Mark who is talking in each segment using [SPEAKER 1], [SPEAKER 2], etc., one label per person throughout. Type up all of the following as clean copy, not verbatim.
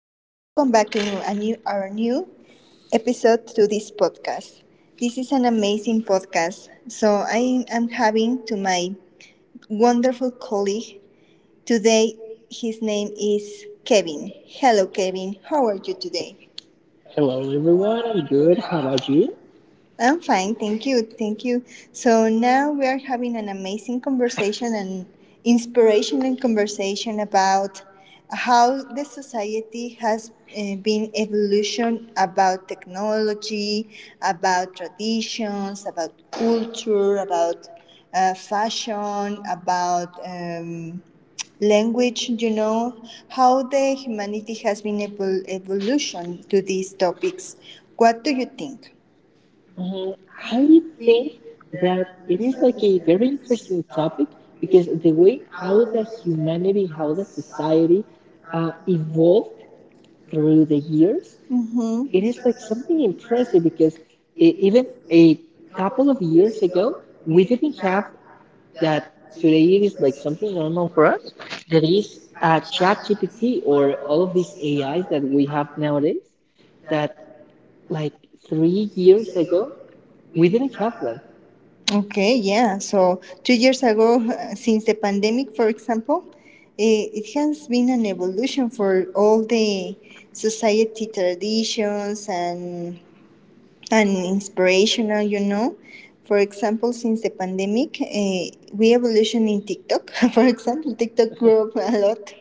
[SPEAKER 1] back to our new episode to this podcast. This is an amazing podcast. So I am having to my wonderful colleague today. His name is Kevin. Hello, Kevin. How are you today?
[SPEAKER 2] Hello, everyone. I'm good. How about you?
[SPEAKER 1] I'm fine, thank you, thank you. So now we are having an amazing conversation and inspirational conversation about how the society has been evolution about technology, about traditions, about culture, about fashion, about language, how the humanity has been evolution to these topics. What do you think?
[SPEAKER 2] Uh, I think that it is like a very interesting topic because the way how the humanity, how the society evolved through the years, it
[SPEAKER 1] Mm-hmm.
[SPEAKER 2] is like something impressive because even a couple of years ago, we didn't have that. Today it is like something normal for us. There is ChatGPT or all of these AIs that we have nowadays. That, like 3 years ago, we didn't have them.
[SPEAKER 1] Okay, yeah. So 2 years ago, since the pandemic, for example, it has been an evolution for all the society traditions and inspirational. For example, since the pandemic, we evolution in TikTok. For example, TikTok grew up a lot.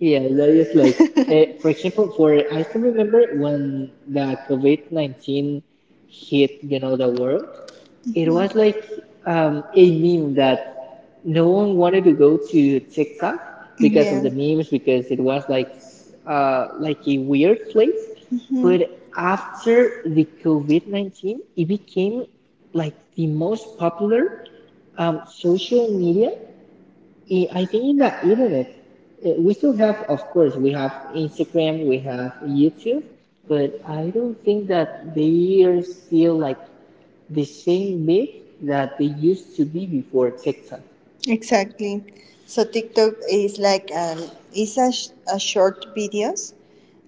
[SPEAKER 2] Yeah, that is like, for example, for I still remember when the COVID 19 hit the world. It was like a meme that no one wanted to go to TikTok because of
[SPEAKER 1] Yeah.
[SPEAKER 2] the memes, because it was like a weird place.
[SPEAKER 1] Mhm. Yeah.
[SPEAKER 2] But after the COVID 19, it became like the most popular social media I think in the internet. We still have, of course, we have Instagram, we have YouTube, but I don't think that they are still like the same myth that they used to be before TikTok.
[SPEAKER 1] Exactly. So TikTok is like it's a short videos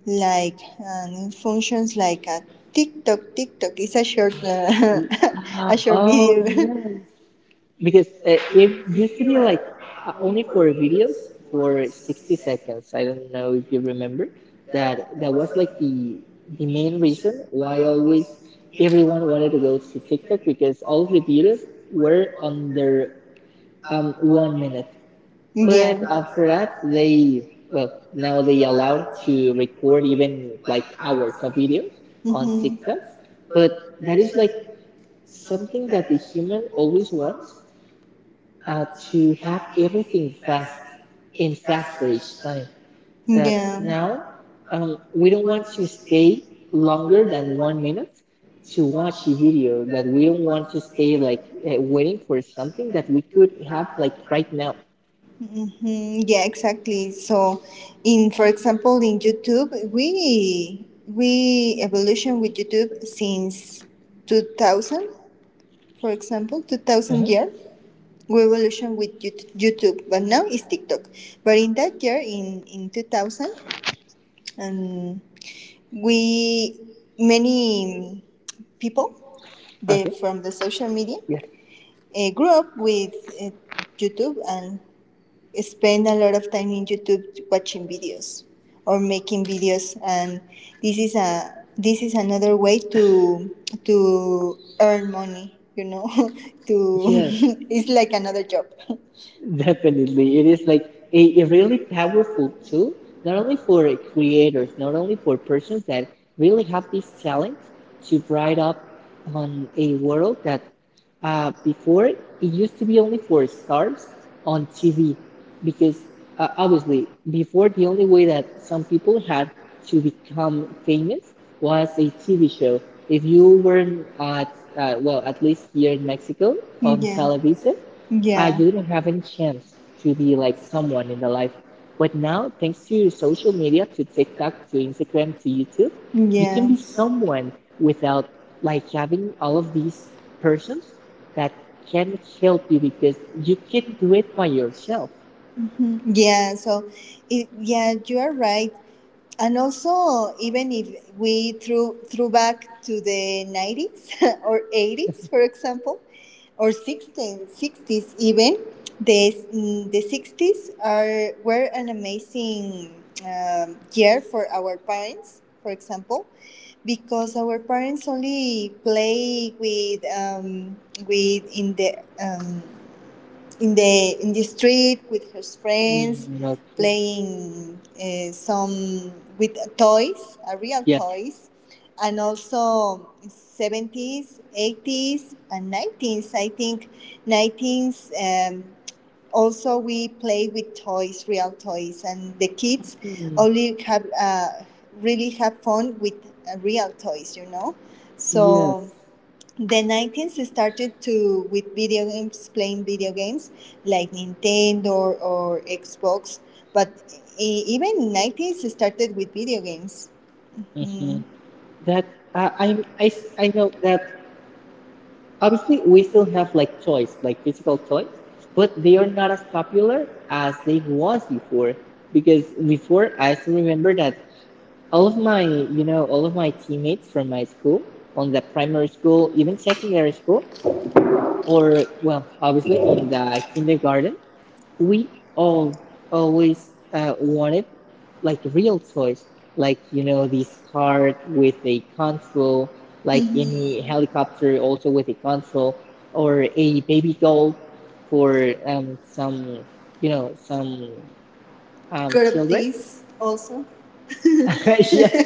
[SPEAKER 1] like functions like a TikTok. TikTok is a short a short
[SPEAKER 2] Oh,
[SPEAKER 1] video.
[SPEAKER 2] yes. Because it used to be like only for videos for 60 seconds. I don't know if you remember that was like the main reason why always everyone wanted to go to TikTok, because all the videos were under 1 minute. But after that,
[SPEAKER 1] Yeah.
[SPEAKER 2] they well now they allowed to record even like hours of videos on
[SPEAKER 1] Mm-hmm.
[SPEAKER 2] TikToks. But that is like something that the human always wants uh, to have everything fast, in faster each time. That now
[SPEAKER 1] Yeah.
[SPEAKER 2] we don't want to stay longer than 1 minute to watch a video. That we don't want to stay like waiting for something that we could have like right now.
[SPEAKER 1] Mhm, yeah, exactly. So, in for example, in YouTube, we evolution with YouTube since 2000, for example, 2000
[SPEAKER 2] Mhm.
[SPEAKER 1] year, we evolution with YouTube, but now it's TikTok. But in that year, in 2000, and we many people the,
[SPEAKER 2] Okay.
[SPEAKER 1] from the social media
[SPEAKER 2] Yes.
[SPEAKER 1] grew up with uh, YouTube and spend a lot of time in YouTube watching videos or making videos, and this is another way to earn money. You know, to
[SPEAKER 2] Yes.
[SPEAKER 1] it's like another job.
[SPEAKER 2] Definitely. It is like a really powerful tool, not only for creators, not only for persons that really have this talent to bright up on a world that before it used to be only for stars on TV. Because obviously, before, the only way that some people had to become famous was a TV show. If you weren't well, at least here in Mexico on
[SPEAKER 1] Yeah,
[SPEAKER 2] television,
[SPEAKER 1] yeah,
[SPEAKER 2] you didn't have any chance to be like someone in the life. But now, thanks to social media, to TikTok, to Instagram, to YouTube, you can
[SPEAKER 1] yeah,
[SPEAKER 2] be someone without like having all of these persons that can help you, because you can do it by yourself.
[SPEAKER 1] yeah. So, yeah, you are right. And also even if we threw back to the 90s or 80s, for example, or 60s, even the 60s are were an amazing year for our parents, for example, because our parents only play with in the in the in the street with her friends,
[SPEAKER 2] Mm, okay.
[SPEAKER 1] playing some with toys, real
[SPEAKER 2] Yes.
[SPEAKER 1] toys, and also 70s, 80s, and 90s. I think 90s. Also, we play with toys, real toys, and the kids
[SPEAKER 2] Hmm,
[SPEAKER 1] only have really have fun with real toys.
[SPEAKER 2] yes.
[SPEAKER 1] So the 90s started to with video games, playing video games like Nintendo or Xbox, but even 90s started with video games. Hmm.
[SPEAKER 2] Mhm. That I I'm I know that obviously, we still have like toys, like physical toys, but they are not as popular as they was before. Because before, I still remember that all of my teammates from my school, on the primary school, even secondary school, or well, obviously in the kindergarten, we all always wanted like real toys, like you know, this cart with a control, like
[SPEAKER 1] Mhm.
[SPEAKER 2] any helicopter also with a control, or a baby doll for some you know some
[SPEAKER 1] Group
[SPEAKER 2] children.
[SPEAKER 1] this also.
[SPEAKER 2] Yes,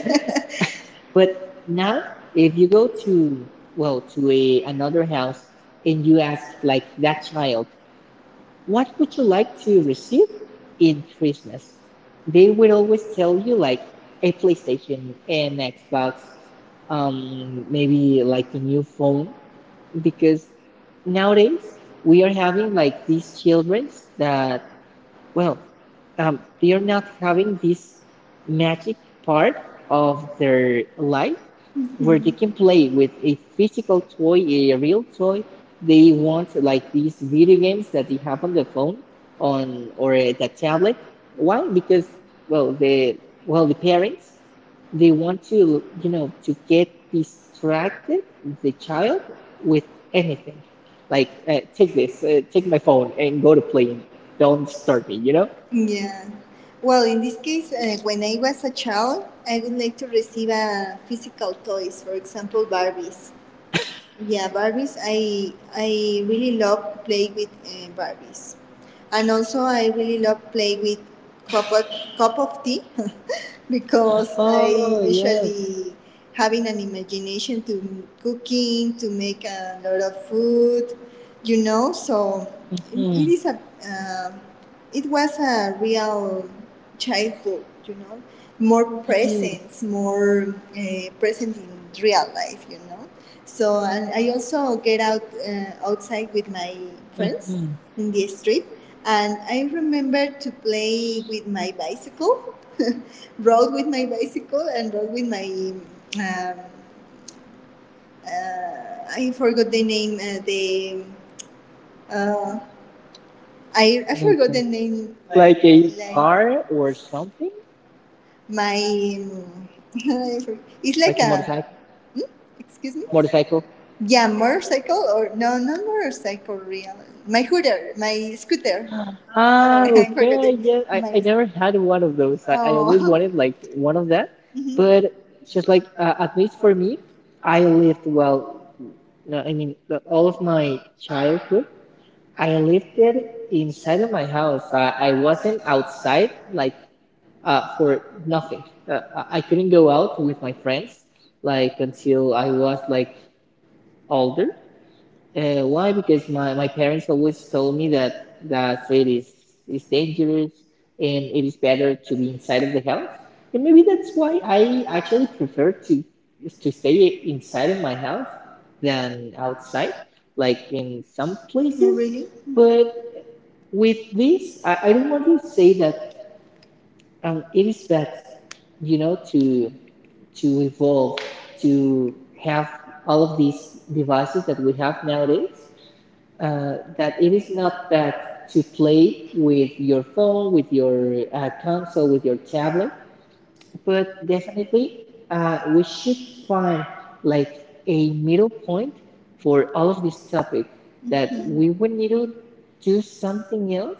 [SPEAKER 2] but now, if you go to well to a another house and you ask like that child, "What would you like to receive in Christmas?" They will always tell you like a PlayStation, an Xbox, maybe like a new phone, because nowadays we are having like these children that, well, they are not having this magic part of their life, where they
[SPEAKER 1] Mhm.
[SPEAKER 2] can play with a physical toy, a real toy. They want like these video games that they have on the phone on or the tablet. Why? Because well the well, the parents, they want to you know to get distracted the child with anything. Like take this, take my phone and go to playing. Don't disturb me, you know?
[SPEAKER 1] Yeah. Well, in this case, when I was a child, I would like to receive physical toys, for example, Barbies. Yeah, Barbies. I really love playing with Barbies, and also I really love playing with cup of, cup of tea because I
[SPEAKER 2] Oh, yes.
[SPEAKER 1] usually having an imagination to cooking to make a lot of food. So
[SPEAKER 2] Hmm.
[SPEAKER 1] it is a uh, it was a real childhood, you know, more
[SPEAKER 2] Yes.
[SPEAKER 1] presence, more present in real life. So and I also get out outside with my friends
[SPEAKER 2] Mhm.
[SPEAKER 1] in the street, and I remember to play with my bicycle, rode with my bicycle, and rode with my. Um, I forgot the name. The uh, I forgot
[SPEAKER 2] Okay.
[SPEAKER 1] the name. Like,
[SPEAKER 2] Like a car or something?
[SPEAKER 1] My um, it's like
[SPEAKER 2] Like a
[SPEAKER 1] a
[SPEAKER 2] motorcycle?
[SPEAKER 1] hmm? Excuse me.
[SPEAKER 2] Motorcycle?
[SPEAKER 1] Yeah, motorcycle or no, not motorcycle. Real, my scooter.
[SPEAKER 2] Ah,
[SPEAKER 1] I forgot
[SPEAKER 2] okay.
[SPEAKER 1] it.
[SPEAKER 2] Yeah, I
[SPEAKER 1] My
[SPEAKER 2] never had one of those. I always
[SPEAKER 1] oh,
[SPEAKER 2] wanted like one of that. But
[SPEAKER 1] mhm.
[SPEAKER 2] just like at least for me, I lived well. No, I mean all of my childhood, I lived it inside of my house. I wasn't outside like for nothing. I couldn't go out with my friends like until I was like older. Why? Because my parents always told me that the street is dangerous, and it is better to be inside of the house. And maybe that's why I actually prefer to stay inside of my house than outside, like in some
[SPEAKER 1] No,
[SPEAKER 2] places.
[SPEAKER 1] really?
[SPEAKER 2] But with this, I don't want to say that it is bad, you know, to to evolve, to have all of these devices that we have nowadays, that it is not bad to play with your phone, with your console, with your tablet, but definitely we should find like a middle point for all of this topic, that we
[SPEAKER 1] Mhm.
[SPEAKER 2] would need to do something else,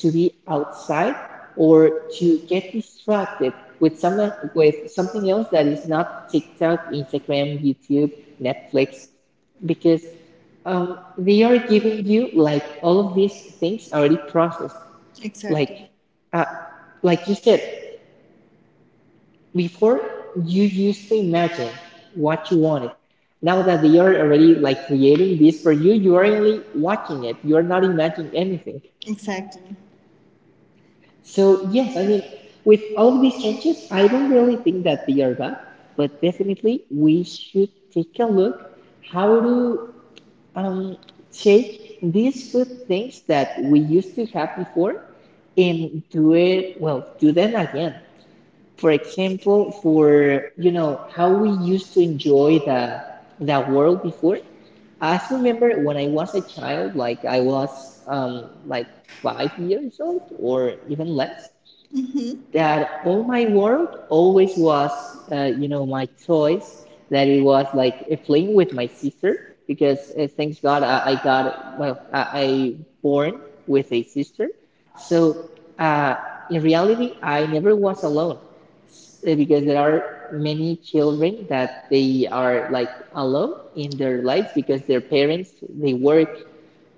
[SPEAKER 2] to be outside or to get distracted with some with something else that is not TikTok, Instagram, YouTube, Netflix, because they are giving you like all of these things already processed. Like,
[SPEAKER 1] Exactly,
[SPEAKER 2] uh, like you said before, you used to imagine what you wanted. Now that they are already like creating this for you, you are only watching it. You are not imagining anything.
[SPEAKER 1] exactly.
[SPEAKER 2] So yes, I mean, with all of these changes, I don't really think that they are bad, but definitely we should take a look how to um, take these good things that we used to have before and do it well do them again, for example for you know how we used to enjoy the world before. I remember when I was a child, like I was like 5 years old or even less,
[SPEAKER 1] Hmm.
[SPEAKER 2] that all my world always was my toys. That it was like a fling with my sister, because thanks God, I got, well, I born with a sister. So uh, in reality, I never was alone, because there are many children that they are like alone in their lives because their parents, they work,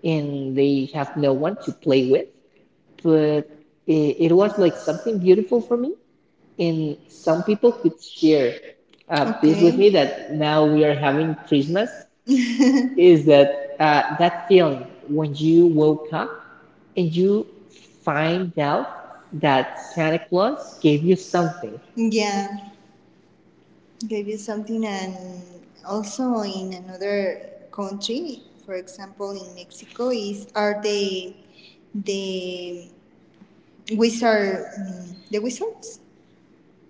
[SPEAKER 2] and they have no one to play with. But it was like something beautiful for me, and some people could share this with me,
[SPEAKER 1] Okay.
[SPEAKER 2] that now we are having Christmas, is that feeling when you woke up and you find out that Santa Claus gave you something.
[SPEAKER 1] Yeah, gave you something, and also in another country, for example, in Mexico, is are the the wizards,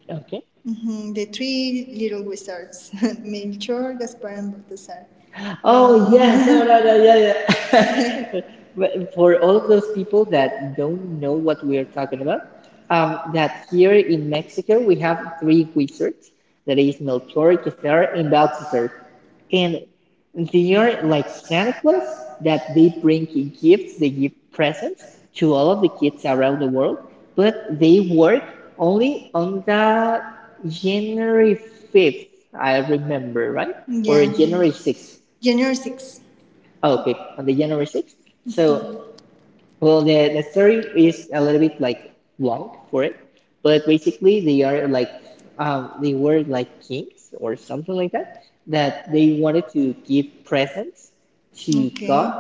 [SPEAKER 2] Okay.
[SPEAKER 1] the three little wizards, Melchor, Gaspar, and Baltasar.
[SPEAKER 2] Oh, yes, no, no, no, yeah, yeah. But for all of those people that don't know what we are talking about, that here in Mexico we have three wizards, that is Melchor, Gaspar, and Balthazar. And they are like Santa Claus, that they bring gifts, they give presents to all of the kids around the world, but they work only on the January 5th, I remember, right? Or
[SPEAKER 1] Yeah,
[SPEAKER 2] January 6th.
[SPEAKER 1] January 6th.
[SPEAKER 2] Oh, okay, on the January 6th. So well, the story is a little bit like long for it, but basically they are like, they were like kings or something like that, that they wanted to give presents to
[SPEAKER 1] Okay.
[SPEAKER 2] God.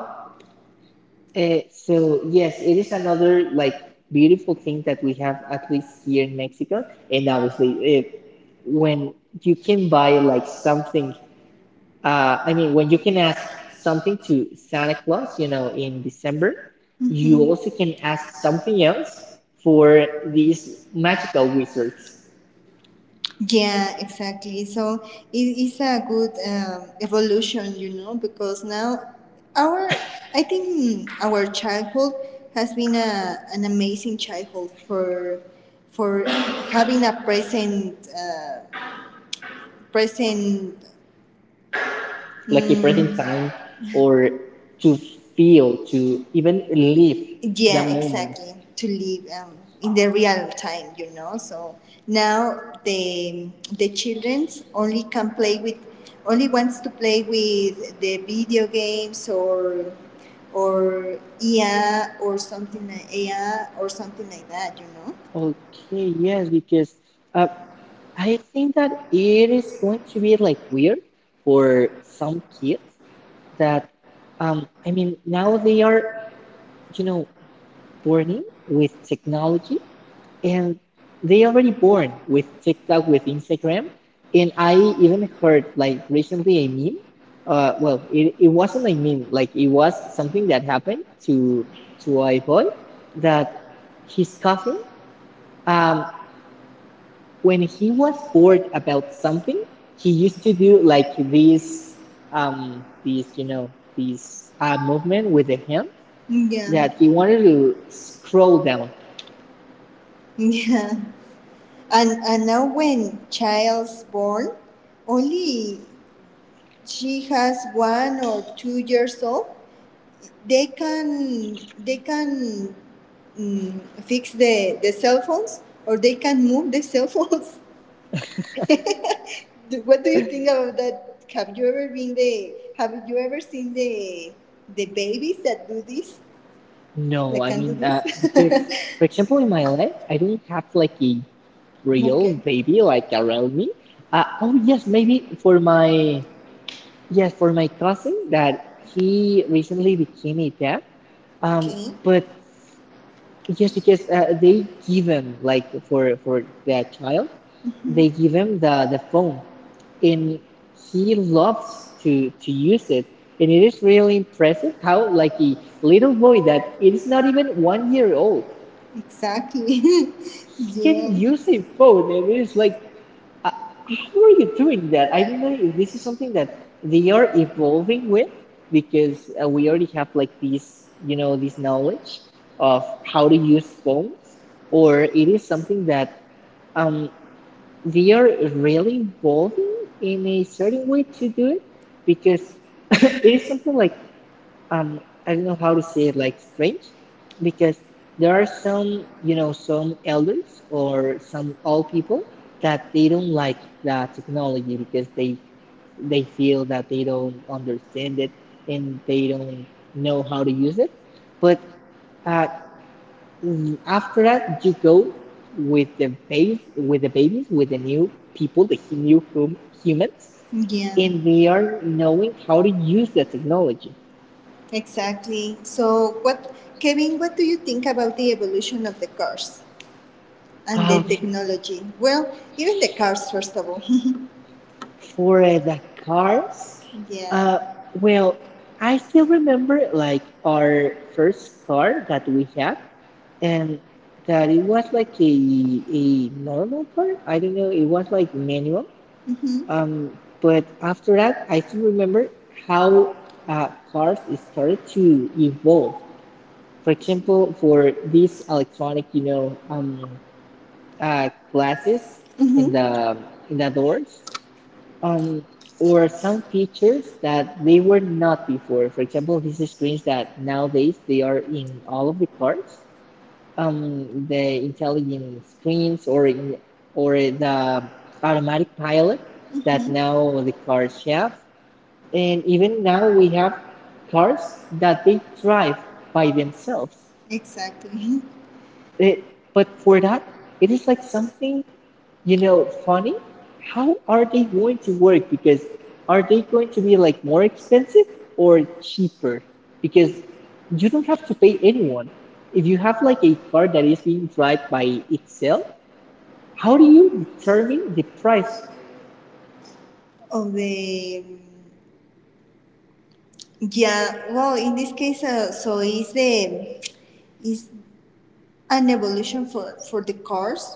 [SPEAKER 2] So yes, it is another like beautiful thing that we have at least here in Mexico, and obviously when you can buy like something, I mean, when you can ask something to Santa Claus, in December, you
[SPEAKER 1] Mm-hmm.
[SPEAKER 2] also can ask something else for these magical wizards,
[SPEAKER 1] Yeah, exactly. So it is a good evolution, you know, because now our, I think our childhood has been an amazing childhood for for having a present present.
[SPEAKER 2] like a
[SPEAKER 1] mm,
[SPEAKER 2] present time, or to feel, to even live the
[SPEAKER 1] Yeah,
[SPEAKER 2] moment.
[SPEAKER 1] exactly. To live in the real time, you know. So now the childrens only wants to play with the video games or EA or something like AI or something like that, you know.
[SPEAKER 2] Okay, yes, because uh, I think that it is going to be like weird for some kids that, I mean, now they are, you know, burning with technology and they already born with TikTok, with Instagram. And I even heard like recently a meme. Well, it wasn't a meme, like it was something that happened to a boy, that his cousin, um, when he was bored about something, he used to do like these you know these movement with the hand, that
[SPEAKER 1] Yeah.
[SPEAKER 2] he wanted to scroll down.
[SPEAKER 1] Yeah, and now when child's born, only she has 1 or 2 years old. They can fix the cell phones or they can move the cell phones. What do you think about that? Have you ever seen the babies that do this?
[SPEAKER 2] No,
[SPEAKER 1] That
[SPEAKER 2] I
[SPEAKER 1] can do
[SPEAKER 2] mean, because for
[SPEAKER 1] this?
[SPEAKER 2] example, in my life, I don't have like a real
[SPEAKER 1] Okay,
[SPEAKER 2] baby like around me. Oh yes, maybe for my cousin, that he recently became a dad. Um,
[SPEAKER 1] okay,
[SPEAKER 2] but yes, because they give him like for their child, they give him the phone, and he loves to use it. And it is really impressive how like a little boy that it is not even 1 year old
[SPEAKER 1] exactly.
[SPEAKER 2] you can
[SPEAKER 1] Yeah,
[SPEAKER 2] use a phone, and it's like uh, how are you doing that? I don't know if this is something that they are evolving with because we already have like this knowledge of how to use phones, or it is something that um, they are really evolving in a certain way to do it because it is something like um I don't know how to say it, like strange, because there are some, you know, some elders or some old people that they don't like that technology because they feel that they don't understand it and they don't know how to use it. But uh, after that you go with the base, with the babies, with the new people, the new humans,
[SPEAKER 1] yeah,
[SPEAKER 2] and they are knowing how to use the technology.
[SPEAKER 1] exactly. So, what, Kevin? What do you think about the evolution of the cars and the technology? Well, even the cars, first of all.
[SPEAKER 2] For the cars. Uh,
[SPEAKER 1] Yeah.
[SPEAKER 2] well, I still remember like our first car that we had, and that it was like a normal car. I don't know, it was like manual.
[SPEAKER 1] Hmm.
[SPEAKER 2] Um, but after that, I still remember how cars started to evolve. For example, for these electronic, you know, glasses in
[SPEAKER 1] Hmm.
[SPEAKER 2] the in the doors, um, or some features that they were not before. For example, these screens that nowadays they are in all of the cars, the intelligent screens, or in, or the automatic pilot that now the cars have, and even now we have cars that they drive by themselves.
[SPEAKER 1] Exactly.
[SPEAKER 2] It, but for that, it is like something, you know, funny. How are they going to work? Because are they going to be like more expensive or cheaper? Because you don't have to pay anyone. If you have like a car that is being driven by itself, how do you determine the price of it?
[SPEAKER 1] Of the yeah. Well, in this case, so is an evolution for the cars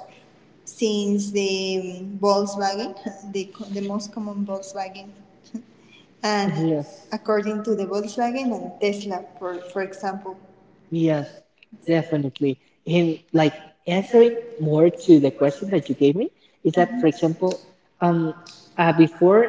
[SPEAKER 1] since the Volkswagen, the most common Volkswagen, and
[SPEAKER 2] Yes.
[SPEAKER 1] according to the Volkswagen and Tesla, for example.
[SPEAKER 2] Yes, definitely. And like answering more to the question that you gave me is that, for example, um, before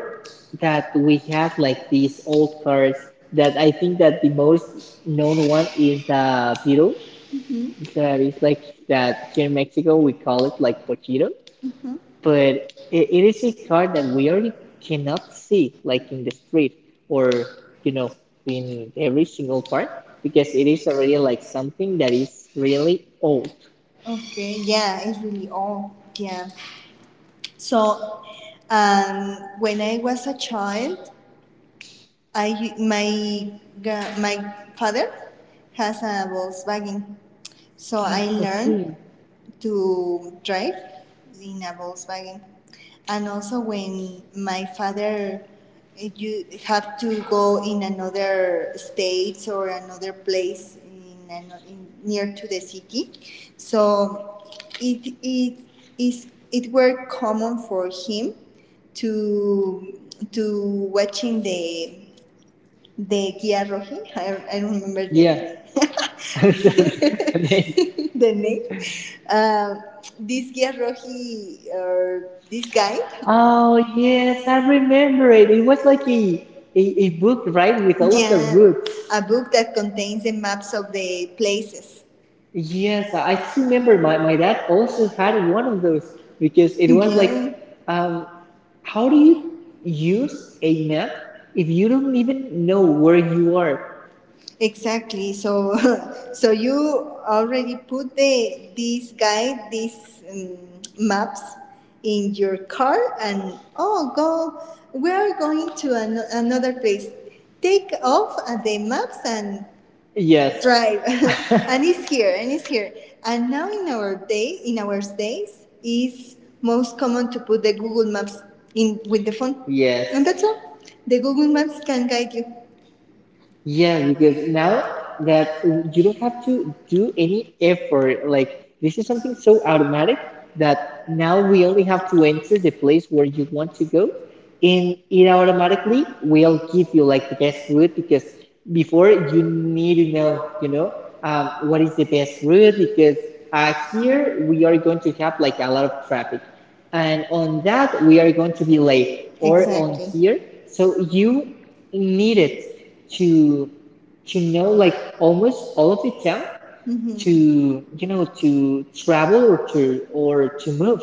[SPEAKER 2] that we had like these old cars that I think that the most known one is the Beetle.
[SPEAKER 1] Mm-hmm.
[SPEAKER 2] That is like that here in Mexico we call it like pochito, but it is a car that we already cannot see like in the street, or you know, in every single part, because it is already like something that is really old.
[SPEAKER 1] Okay, yeah, it's really old. Yeah. So, when I was a child, I my my father has a Volkswagen, so I learned
[SPEAKER 2] Okay.
[SPEAKER 1] to drive in a Volkswagen. And also, when my father you have to go in another state or another place in near to the city, so it it it were common for him to to watching the Kia Roji. I don't remember the
[SPEAKER 2] Yes.
[SPEAKER 1] yeah.
[SPEAKER 2] And then-
[SPEAKER 1] The name. Um this Kia Roji or this guide?
[SPEAKER 2] oh
[SPEAKER 1] Oh
[SPEAKER 2] yes,
[SPEAKER 1] yes,
[SPEAKER 2] I
[SPEAKER 1] I
[SPEAKER 2] remember
[SPEAKER 1] remember.
[SPEAKER 2] it, it
[SPEAKER 1] It.
[SPEAKER 2] was like a book, right, with all of the
[SPEAKER 1] Yeah,
[SPEAKER 2] roots.
[SPEAKER 1] a book that contains the maps of the places.
[SPEAKER 2] Yes, I just remember my, my dad also had one of those because it was like
[SPEAKER 1] Yeah,
[SPEAKER 2] um how do you use a map if you don't even know where you are?
[SPEAKER 1] exactly. So, so you already put the this guide, these maps in your car, and oh, go. We are going to another place. Take off the maps and yes,
[SPEAKER 2] Yes,
[SPEAKER 1] drive, and it's here, and it's here. And now in our days, is most common to put the Google Maps in with the phone,
[SPEAKER 2] yes.
[SPEAKER 1] yes, and that's all. The Google Maps can guide you.
[SPEAKER 2] Yeah, because now that you don't have to do any effort, like this is something so automatic that now we only have to enter the place where you want to go, and it automatically will give you like the best route, because before you need to know, you know, what is the best route because here we are going to have like a lot of traffic, and on that we are going to be late, or on here, so you need it to to know like almost all of the town, to
[SPEAKER 1] Mm-hmm.
[SPEAKER 2] you know, to travel, or to move.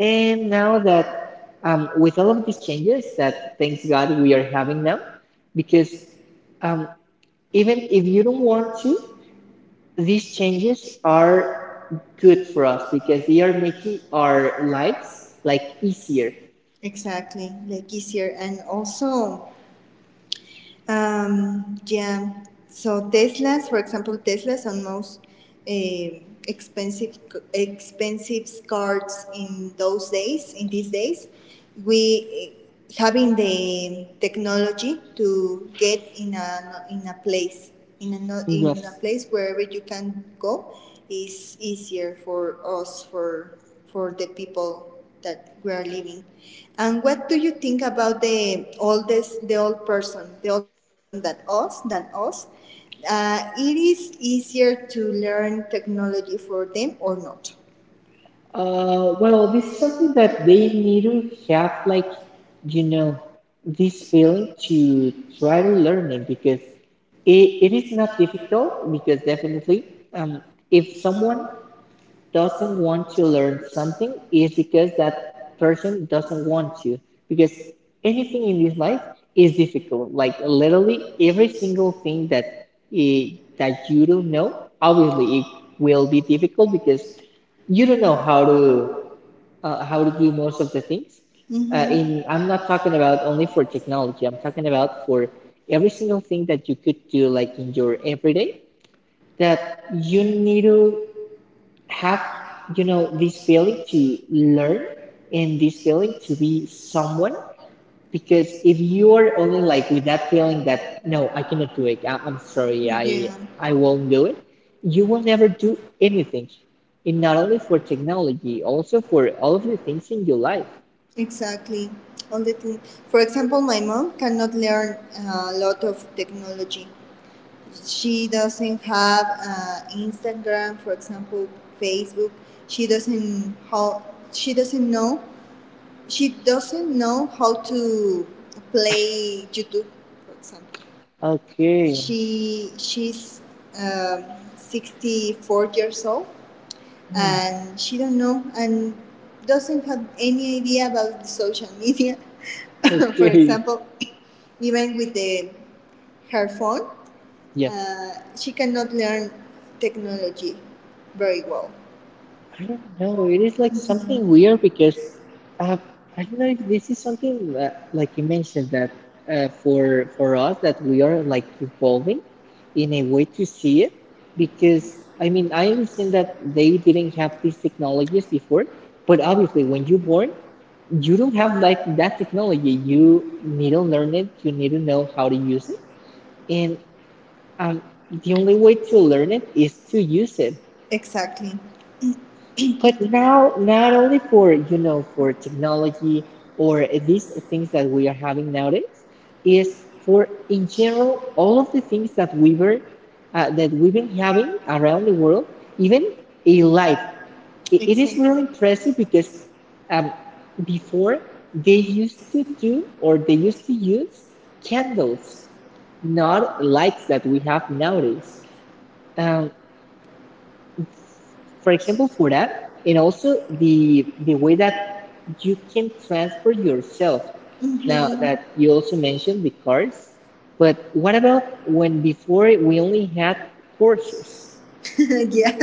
[SPEAKER 2] And now that with all of these changes that thanks god we are having now, because um, even if you don't want to, these changes are good for us because they are making our lives like easier.
[SPEAKER 1] Exactly, like easier. And also, yeah. So Teslas, for example, Teslas are most eh, expensive expensive cars in those days. In these days, we having the technology to get in a place in a no- in
[SPEAKER 2] Yes.
[SPEAKER 1] a place wherever you can go is easier for us for the people that we are living. And what do you think about the oldest person than us? It is easier to learn technology for them or not?
[SPEAKER 2] Well, this is something that they need to have like, you know, this feeling to try to learn it, because it is not difficult, because definitely um, if someone doesn't want to learn something is because that person doesn't want to, because anything in this life is difficult, like literally every single thing that i- that you don't know, obviously it will be difficult because you don't know how to do most of the things.
[SPEAKER 1] Mhm.
[SPEAKER 2] In
[SPEAKER 1] I
[SPEAKER 2] I'm not talking about only for technology. I'm talking about for every single thing that you could do, like in your everyday, that you need to have, you know, this feeling to learn and this feeling to be someone. Because if you are only like with that feeling that no, I cannot do it. I'm sorry,
[SPEAKER 1] Yeah,
[SPEAKER 2] I
[SPEAKER 1] yeah,
[SPEAKER 2] I won't do it. You will never do anything, and not only for technology, also for all of the things in your life.
[SPEAKER 1] exactly. All the thing. For example, my mom cannot learn a lot of technology. She doesn't have Instagram, for example, Facebook. She doesn't how she doesn't know she doesn't know how to play YouTube, for example.
[SPEAKER 2] Okay.
[SPEAKER 1] She's um, 64 years old,
[SPEAKER 2] Mm.
[SPEAKER 1] and she don't know and doesn't have any idea about social media. For
[SPEAKER 2] Okay.
[SPEAKER 1] example, even with the her phone,
[SPEAKER 2] Yeah.
[SPEAKER 1] uh, she cannot learn technology very well.
[SPEAKER 2] I don't know. It is like something weird because uh, I don't know if this is something that, like you mentioned, that for us that we are like evolving in a way to see it, because I mean I understand that they didn't have these technologies before, but obviously when you're born you don't have like that technology. You need to learn it. You need to know how to use it. And Um, the only way to learn it is to use it.
[SPEAKER 1] Exactly.
[SPEAKER 2] But now, not only for, you know, for technology or these things that we are having nowadays, is for in general all of the things that we were that we've been having around the world, even a life. It is really impressive because um, before, they used to do, or they used to use candles, not lights that we have nowadays. Um, for example, for that, and also the way that you can transfer yourself. Now
[SPEAKER 1] hmm
[SPEAKER 2] that you also mentioned the cars, but what about when before we only had courses?
[SPEAKER 1] yeah,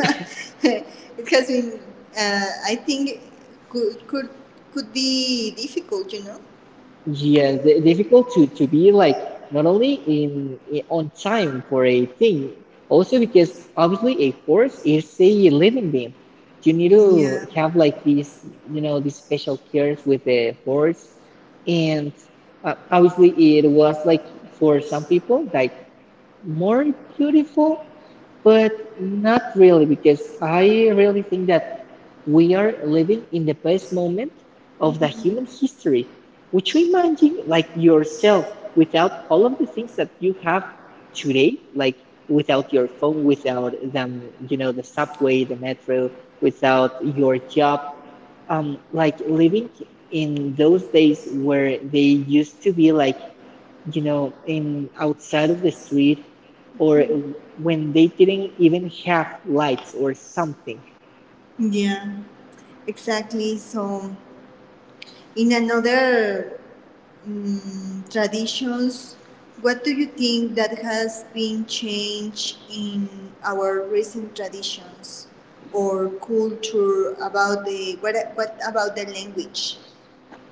[SPEAKER 1] it has been. I think could could could be difficult, you know.
[SPEAKER 2] Yes, the- difficult to be like not only in on time for a thing, also because obviously a horse is a living being. You need
[SPEAKER 1] Yeah.
[SPEAKER 2] to have like these, you know, these special cares with the horse, and obviously it was like for some people like more beautiful, but not really, because I really think that we are living in the best moment of the human history. Would you imagine like yourself without all of the things that you have today, like without your phone, without them, you know, the subway, the metro, without your job, like living in those days where they used to be like, you know, in outside of the street, or when they didn't even have lights or something?
[SPEAKER 1] Yeah, exactly. So, in another traditions, what do you think that has been changed in our recent traditions or culture about what about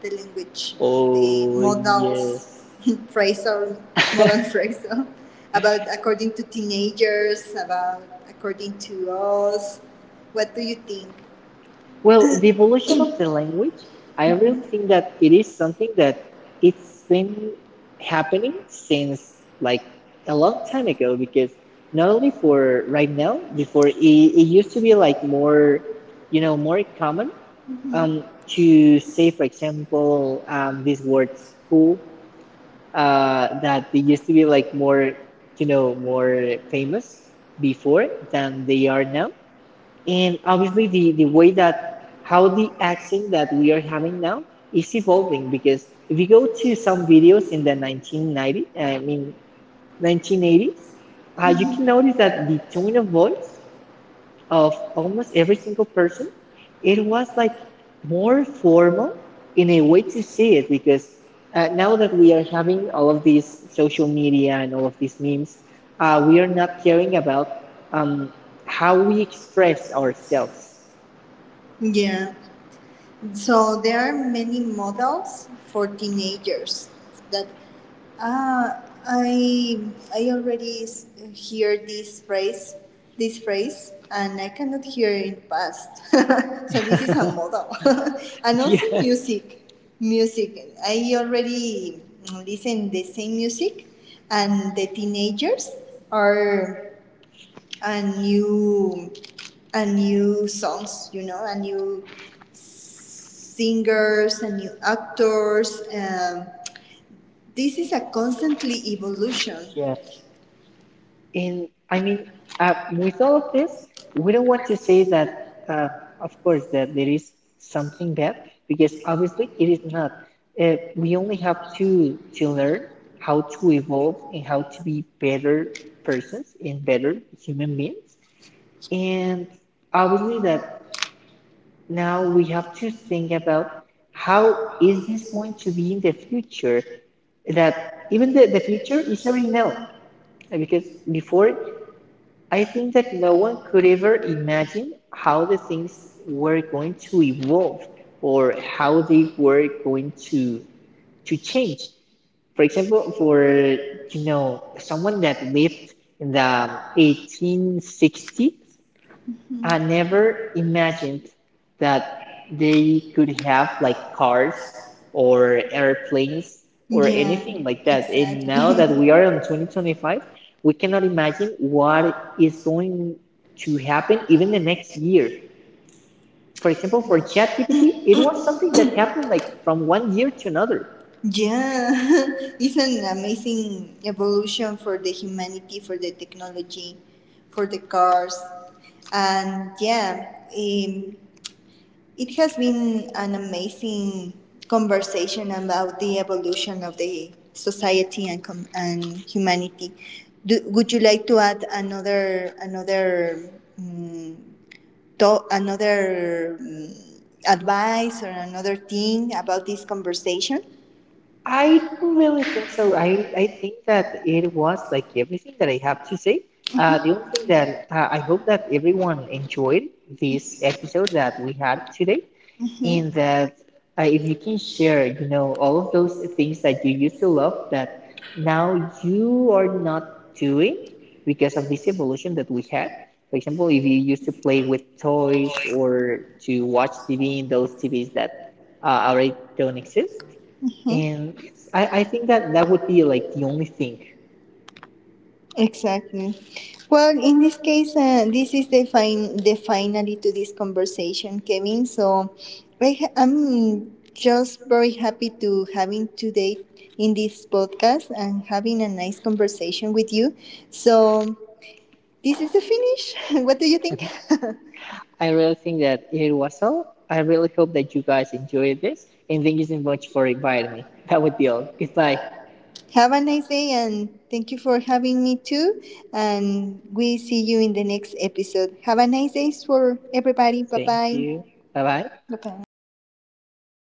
[SPEAKER 1] the language, the
[SPEAKER 2] Oh yes.
[SPEAKER 1] modals, phrasal, modal phrasal, about according to teenagers, about according to us. What do you think?
[SPEAKER 2] Well, the evolution of the language, I really think that it is something that it's been happening since like a long time ago, because not only for right now, before it, it used to be like more, you know, more common. um,
[SPEAKER 1] Mm-hmm.
[SPEAKER 2] to say, for example, these words cool, that they used to be like more, you know, more famous before than they are now. And obviously, the way that how the accent that we are having now is evolving, because if you go to some videos in the 1990, I mean 1980s, you can notice that the tone of voice of almost every single person, it was like more formal, in a way to say it, because now that we are having all of these social media and all of these memes, we are not caring about um, how we express ourselves.
[SPEAKER 1] Yeah. So there are many models for teenagers that ah I I already hear this phrase, and I cannot hear it past. So this is a model. And also
[SPEAKER 2] Yes,
[SPEAKER 1] music. Music. I already listen the same music, and the teenagers are and new and new songs, you know, and new singers and new actors. This is a constantly evolution.
[SPEAKER 2] yes. And I mean, with all of this, we don't want to say that, uh, of course, that there is something bad, because obviously it is not. We only have to learn how to evolve and how to be better persons and better human beings. And obviously that now we have to think about, how is this going to be in the future? That even the future is already now. Because before, I think that no one could ever imagine how the things were going to evolve or how they were going to change. For example, for you know someone that lived in the 1860s, I never imagined that they could have like cars or airplanes or anything
[SPEAKER 1] Yeah,
[SPEAKER 2] like that. And
[SPEAKER 1] exactly.
[SPEAKER 2] now that we are in 2025, we cannot imagine what is going to happen even the next year. For example, for ChatGPT, it was something that happened like from 1 year to another.
[SPEAKER 1] Yeah, it's an amazing evolution for the humanity, for the technology, for the cars, and yeah, it has been an amazing conversation about the evolution of the society and humanity. Would you like to add mm another advice or another thing about this conversation?
[SPEAKER 2] I don't really think so. I think that it was like everything that I have to say. The only thing that I hope that everyone enjoyed this episode that we had today, in
[SPEAKER 1] Hmm.
[SPEAKER 2] that if you can share, you know, all of those things that you used to love that now you are not doing because of this evolution that we had. For example, if you used to play with toys or to watch TV in those TVs that already don't exist. And yes, I think that that would be like the only thing.
[SPEAKER 1] Exactly. Well, in this case, this is the finally to this conversation, Kevin. So, I'm just very happy to having today in this podcast and having a nice conversation with you. So, this is the finish. What do you think?
[SPEAKER 2] I really think that it was all. I really hope that you guys enjoyed this. And thank you so much for inviting me. That would be all. Goodbye.
[SPEAKER 1] Have a nice day, and thank you for having me too. And we see you in the next episode. Have a nice day for everybody. Bye
[SPEAKER 2] Thank
[SPEAKER 1] bye.
[SPEAKER 2] you. Bye bye.
[SPEAKER 1] Bye bye.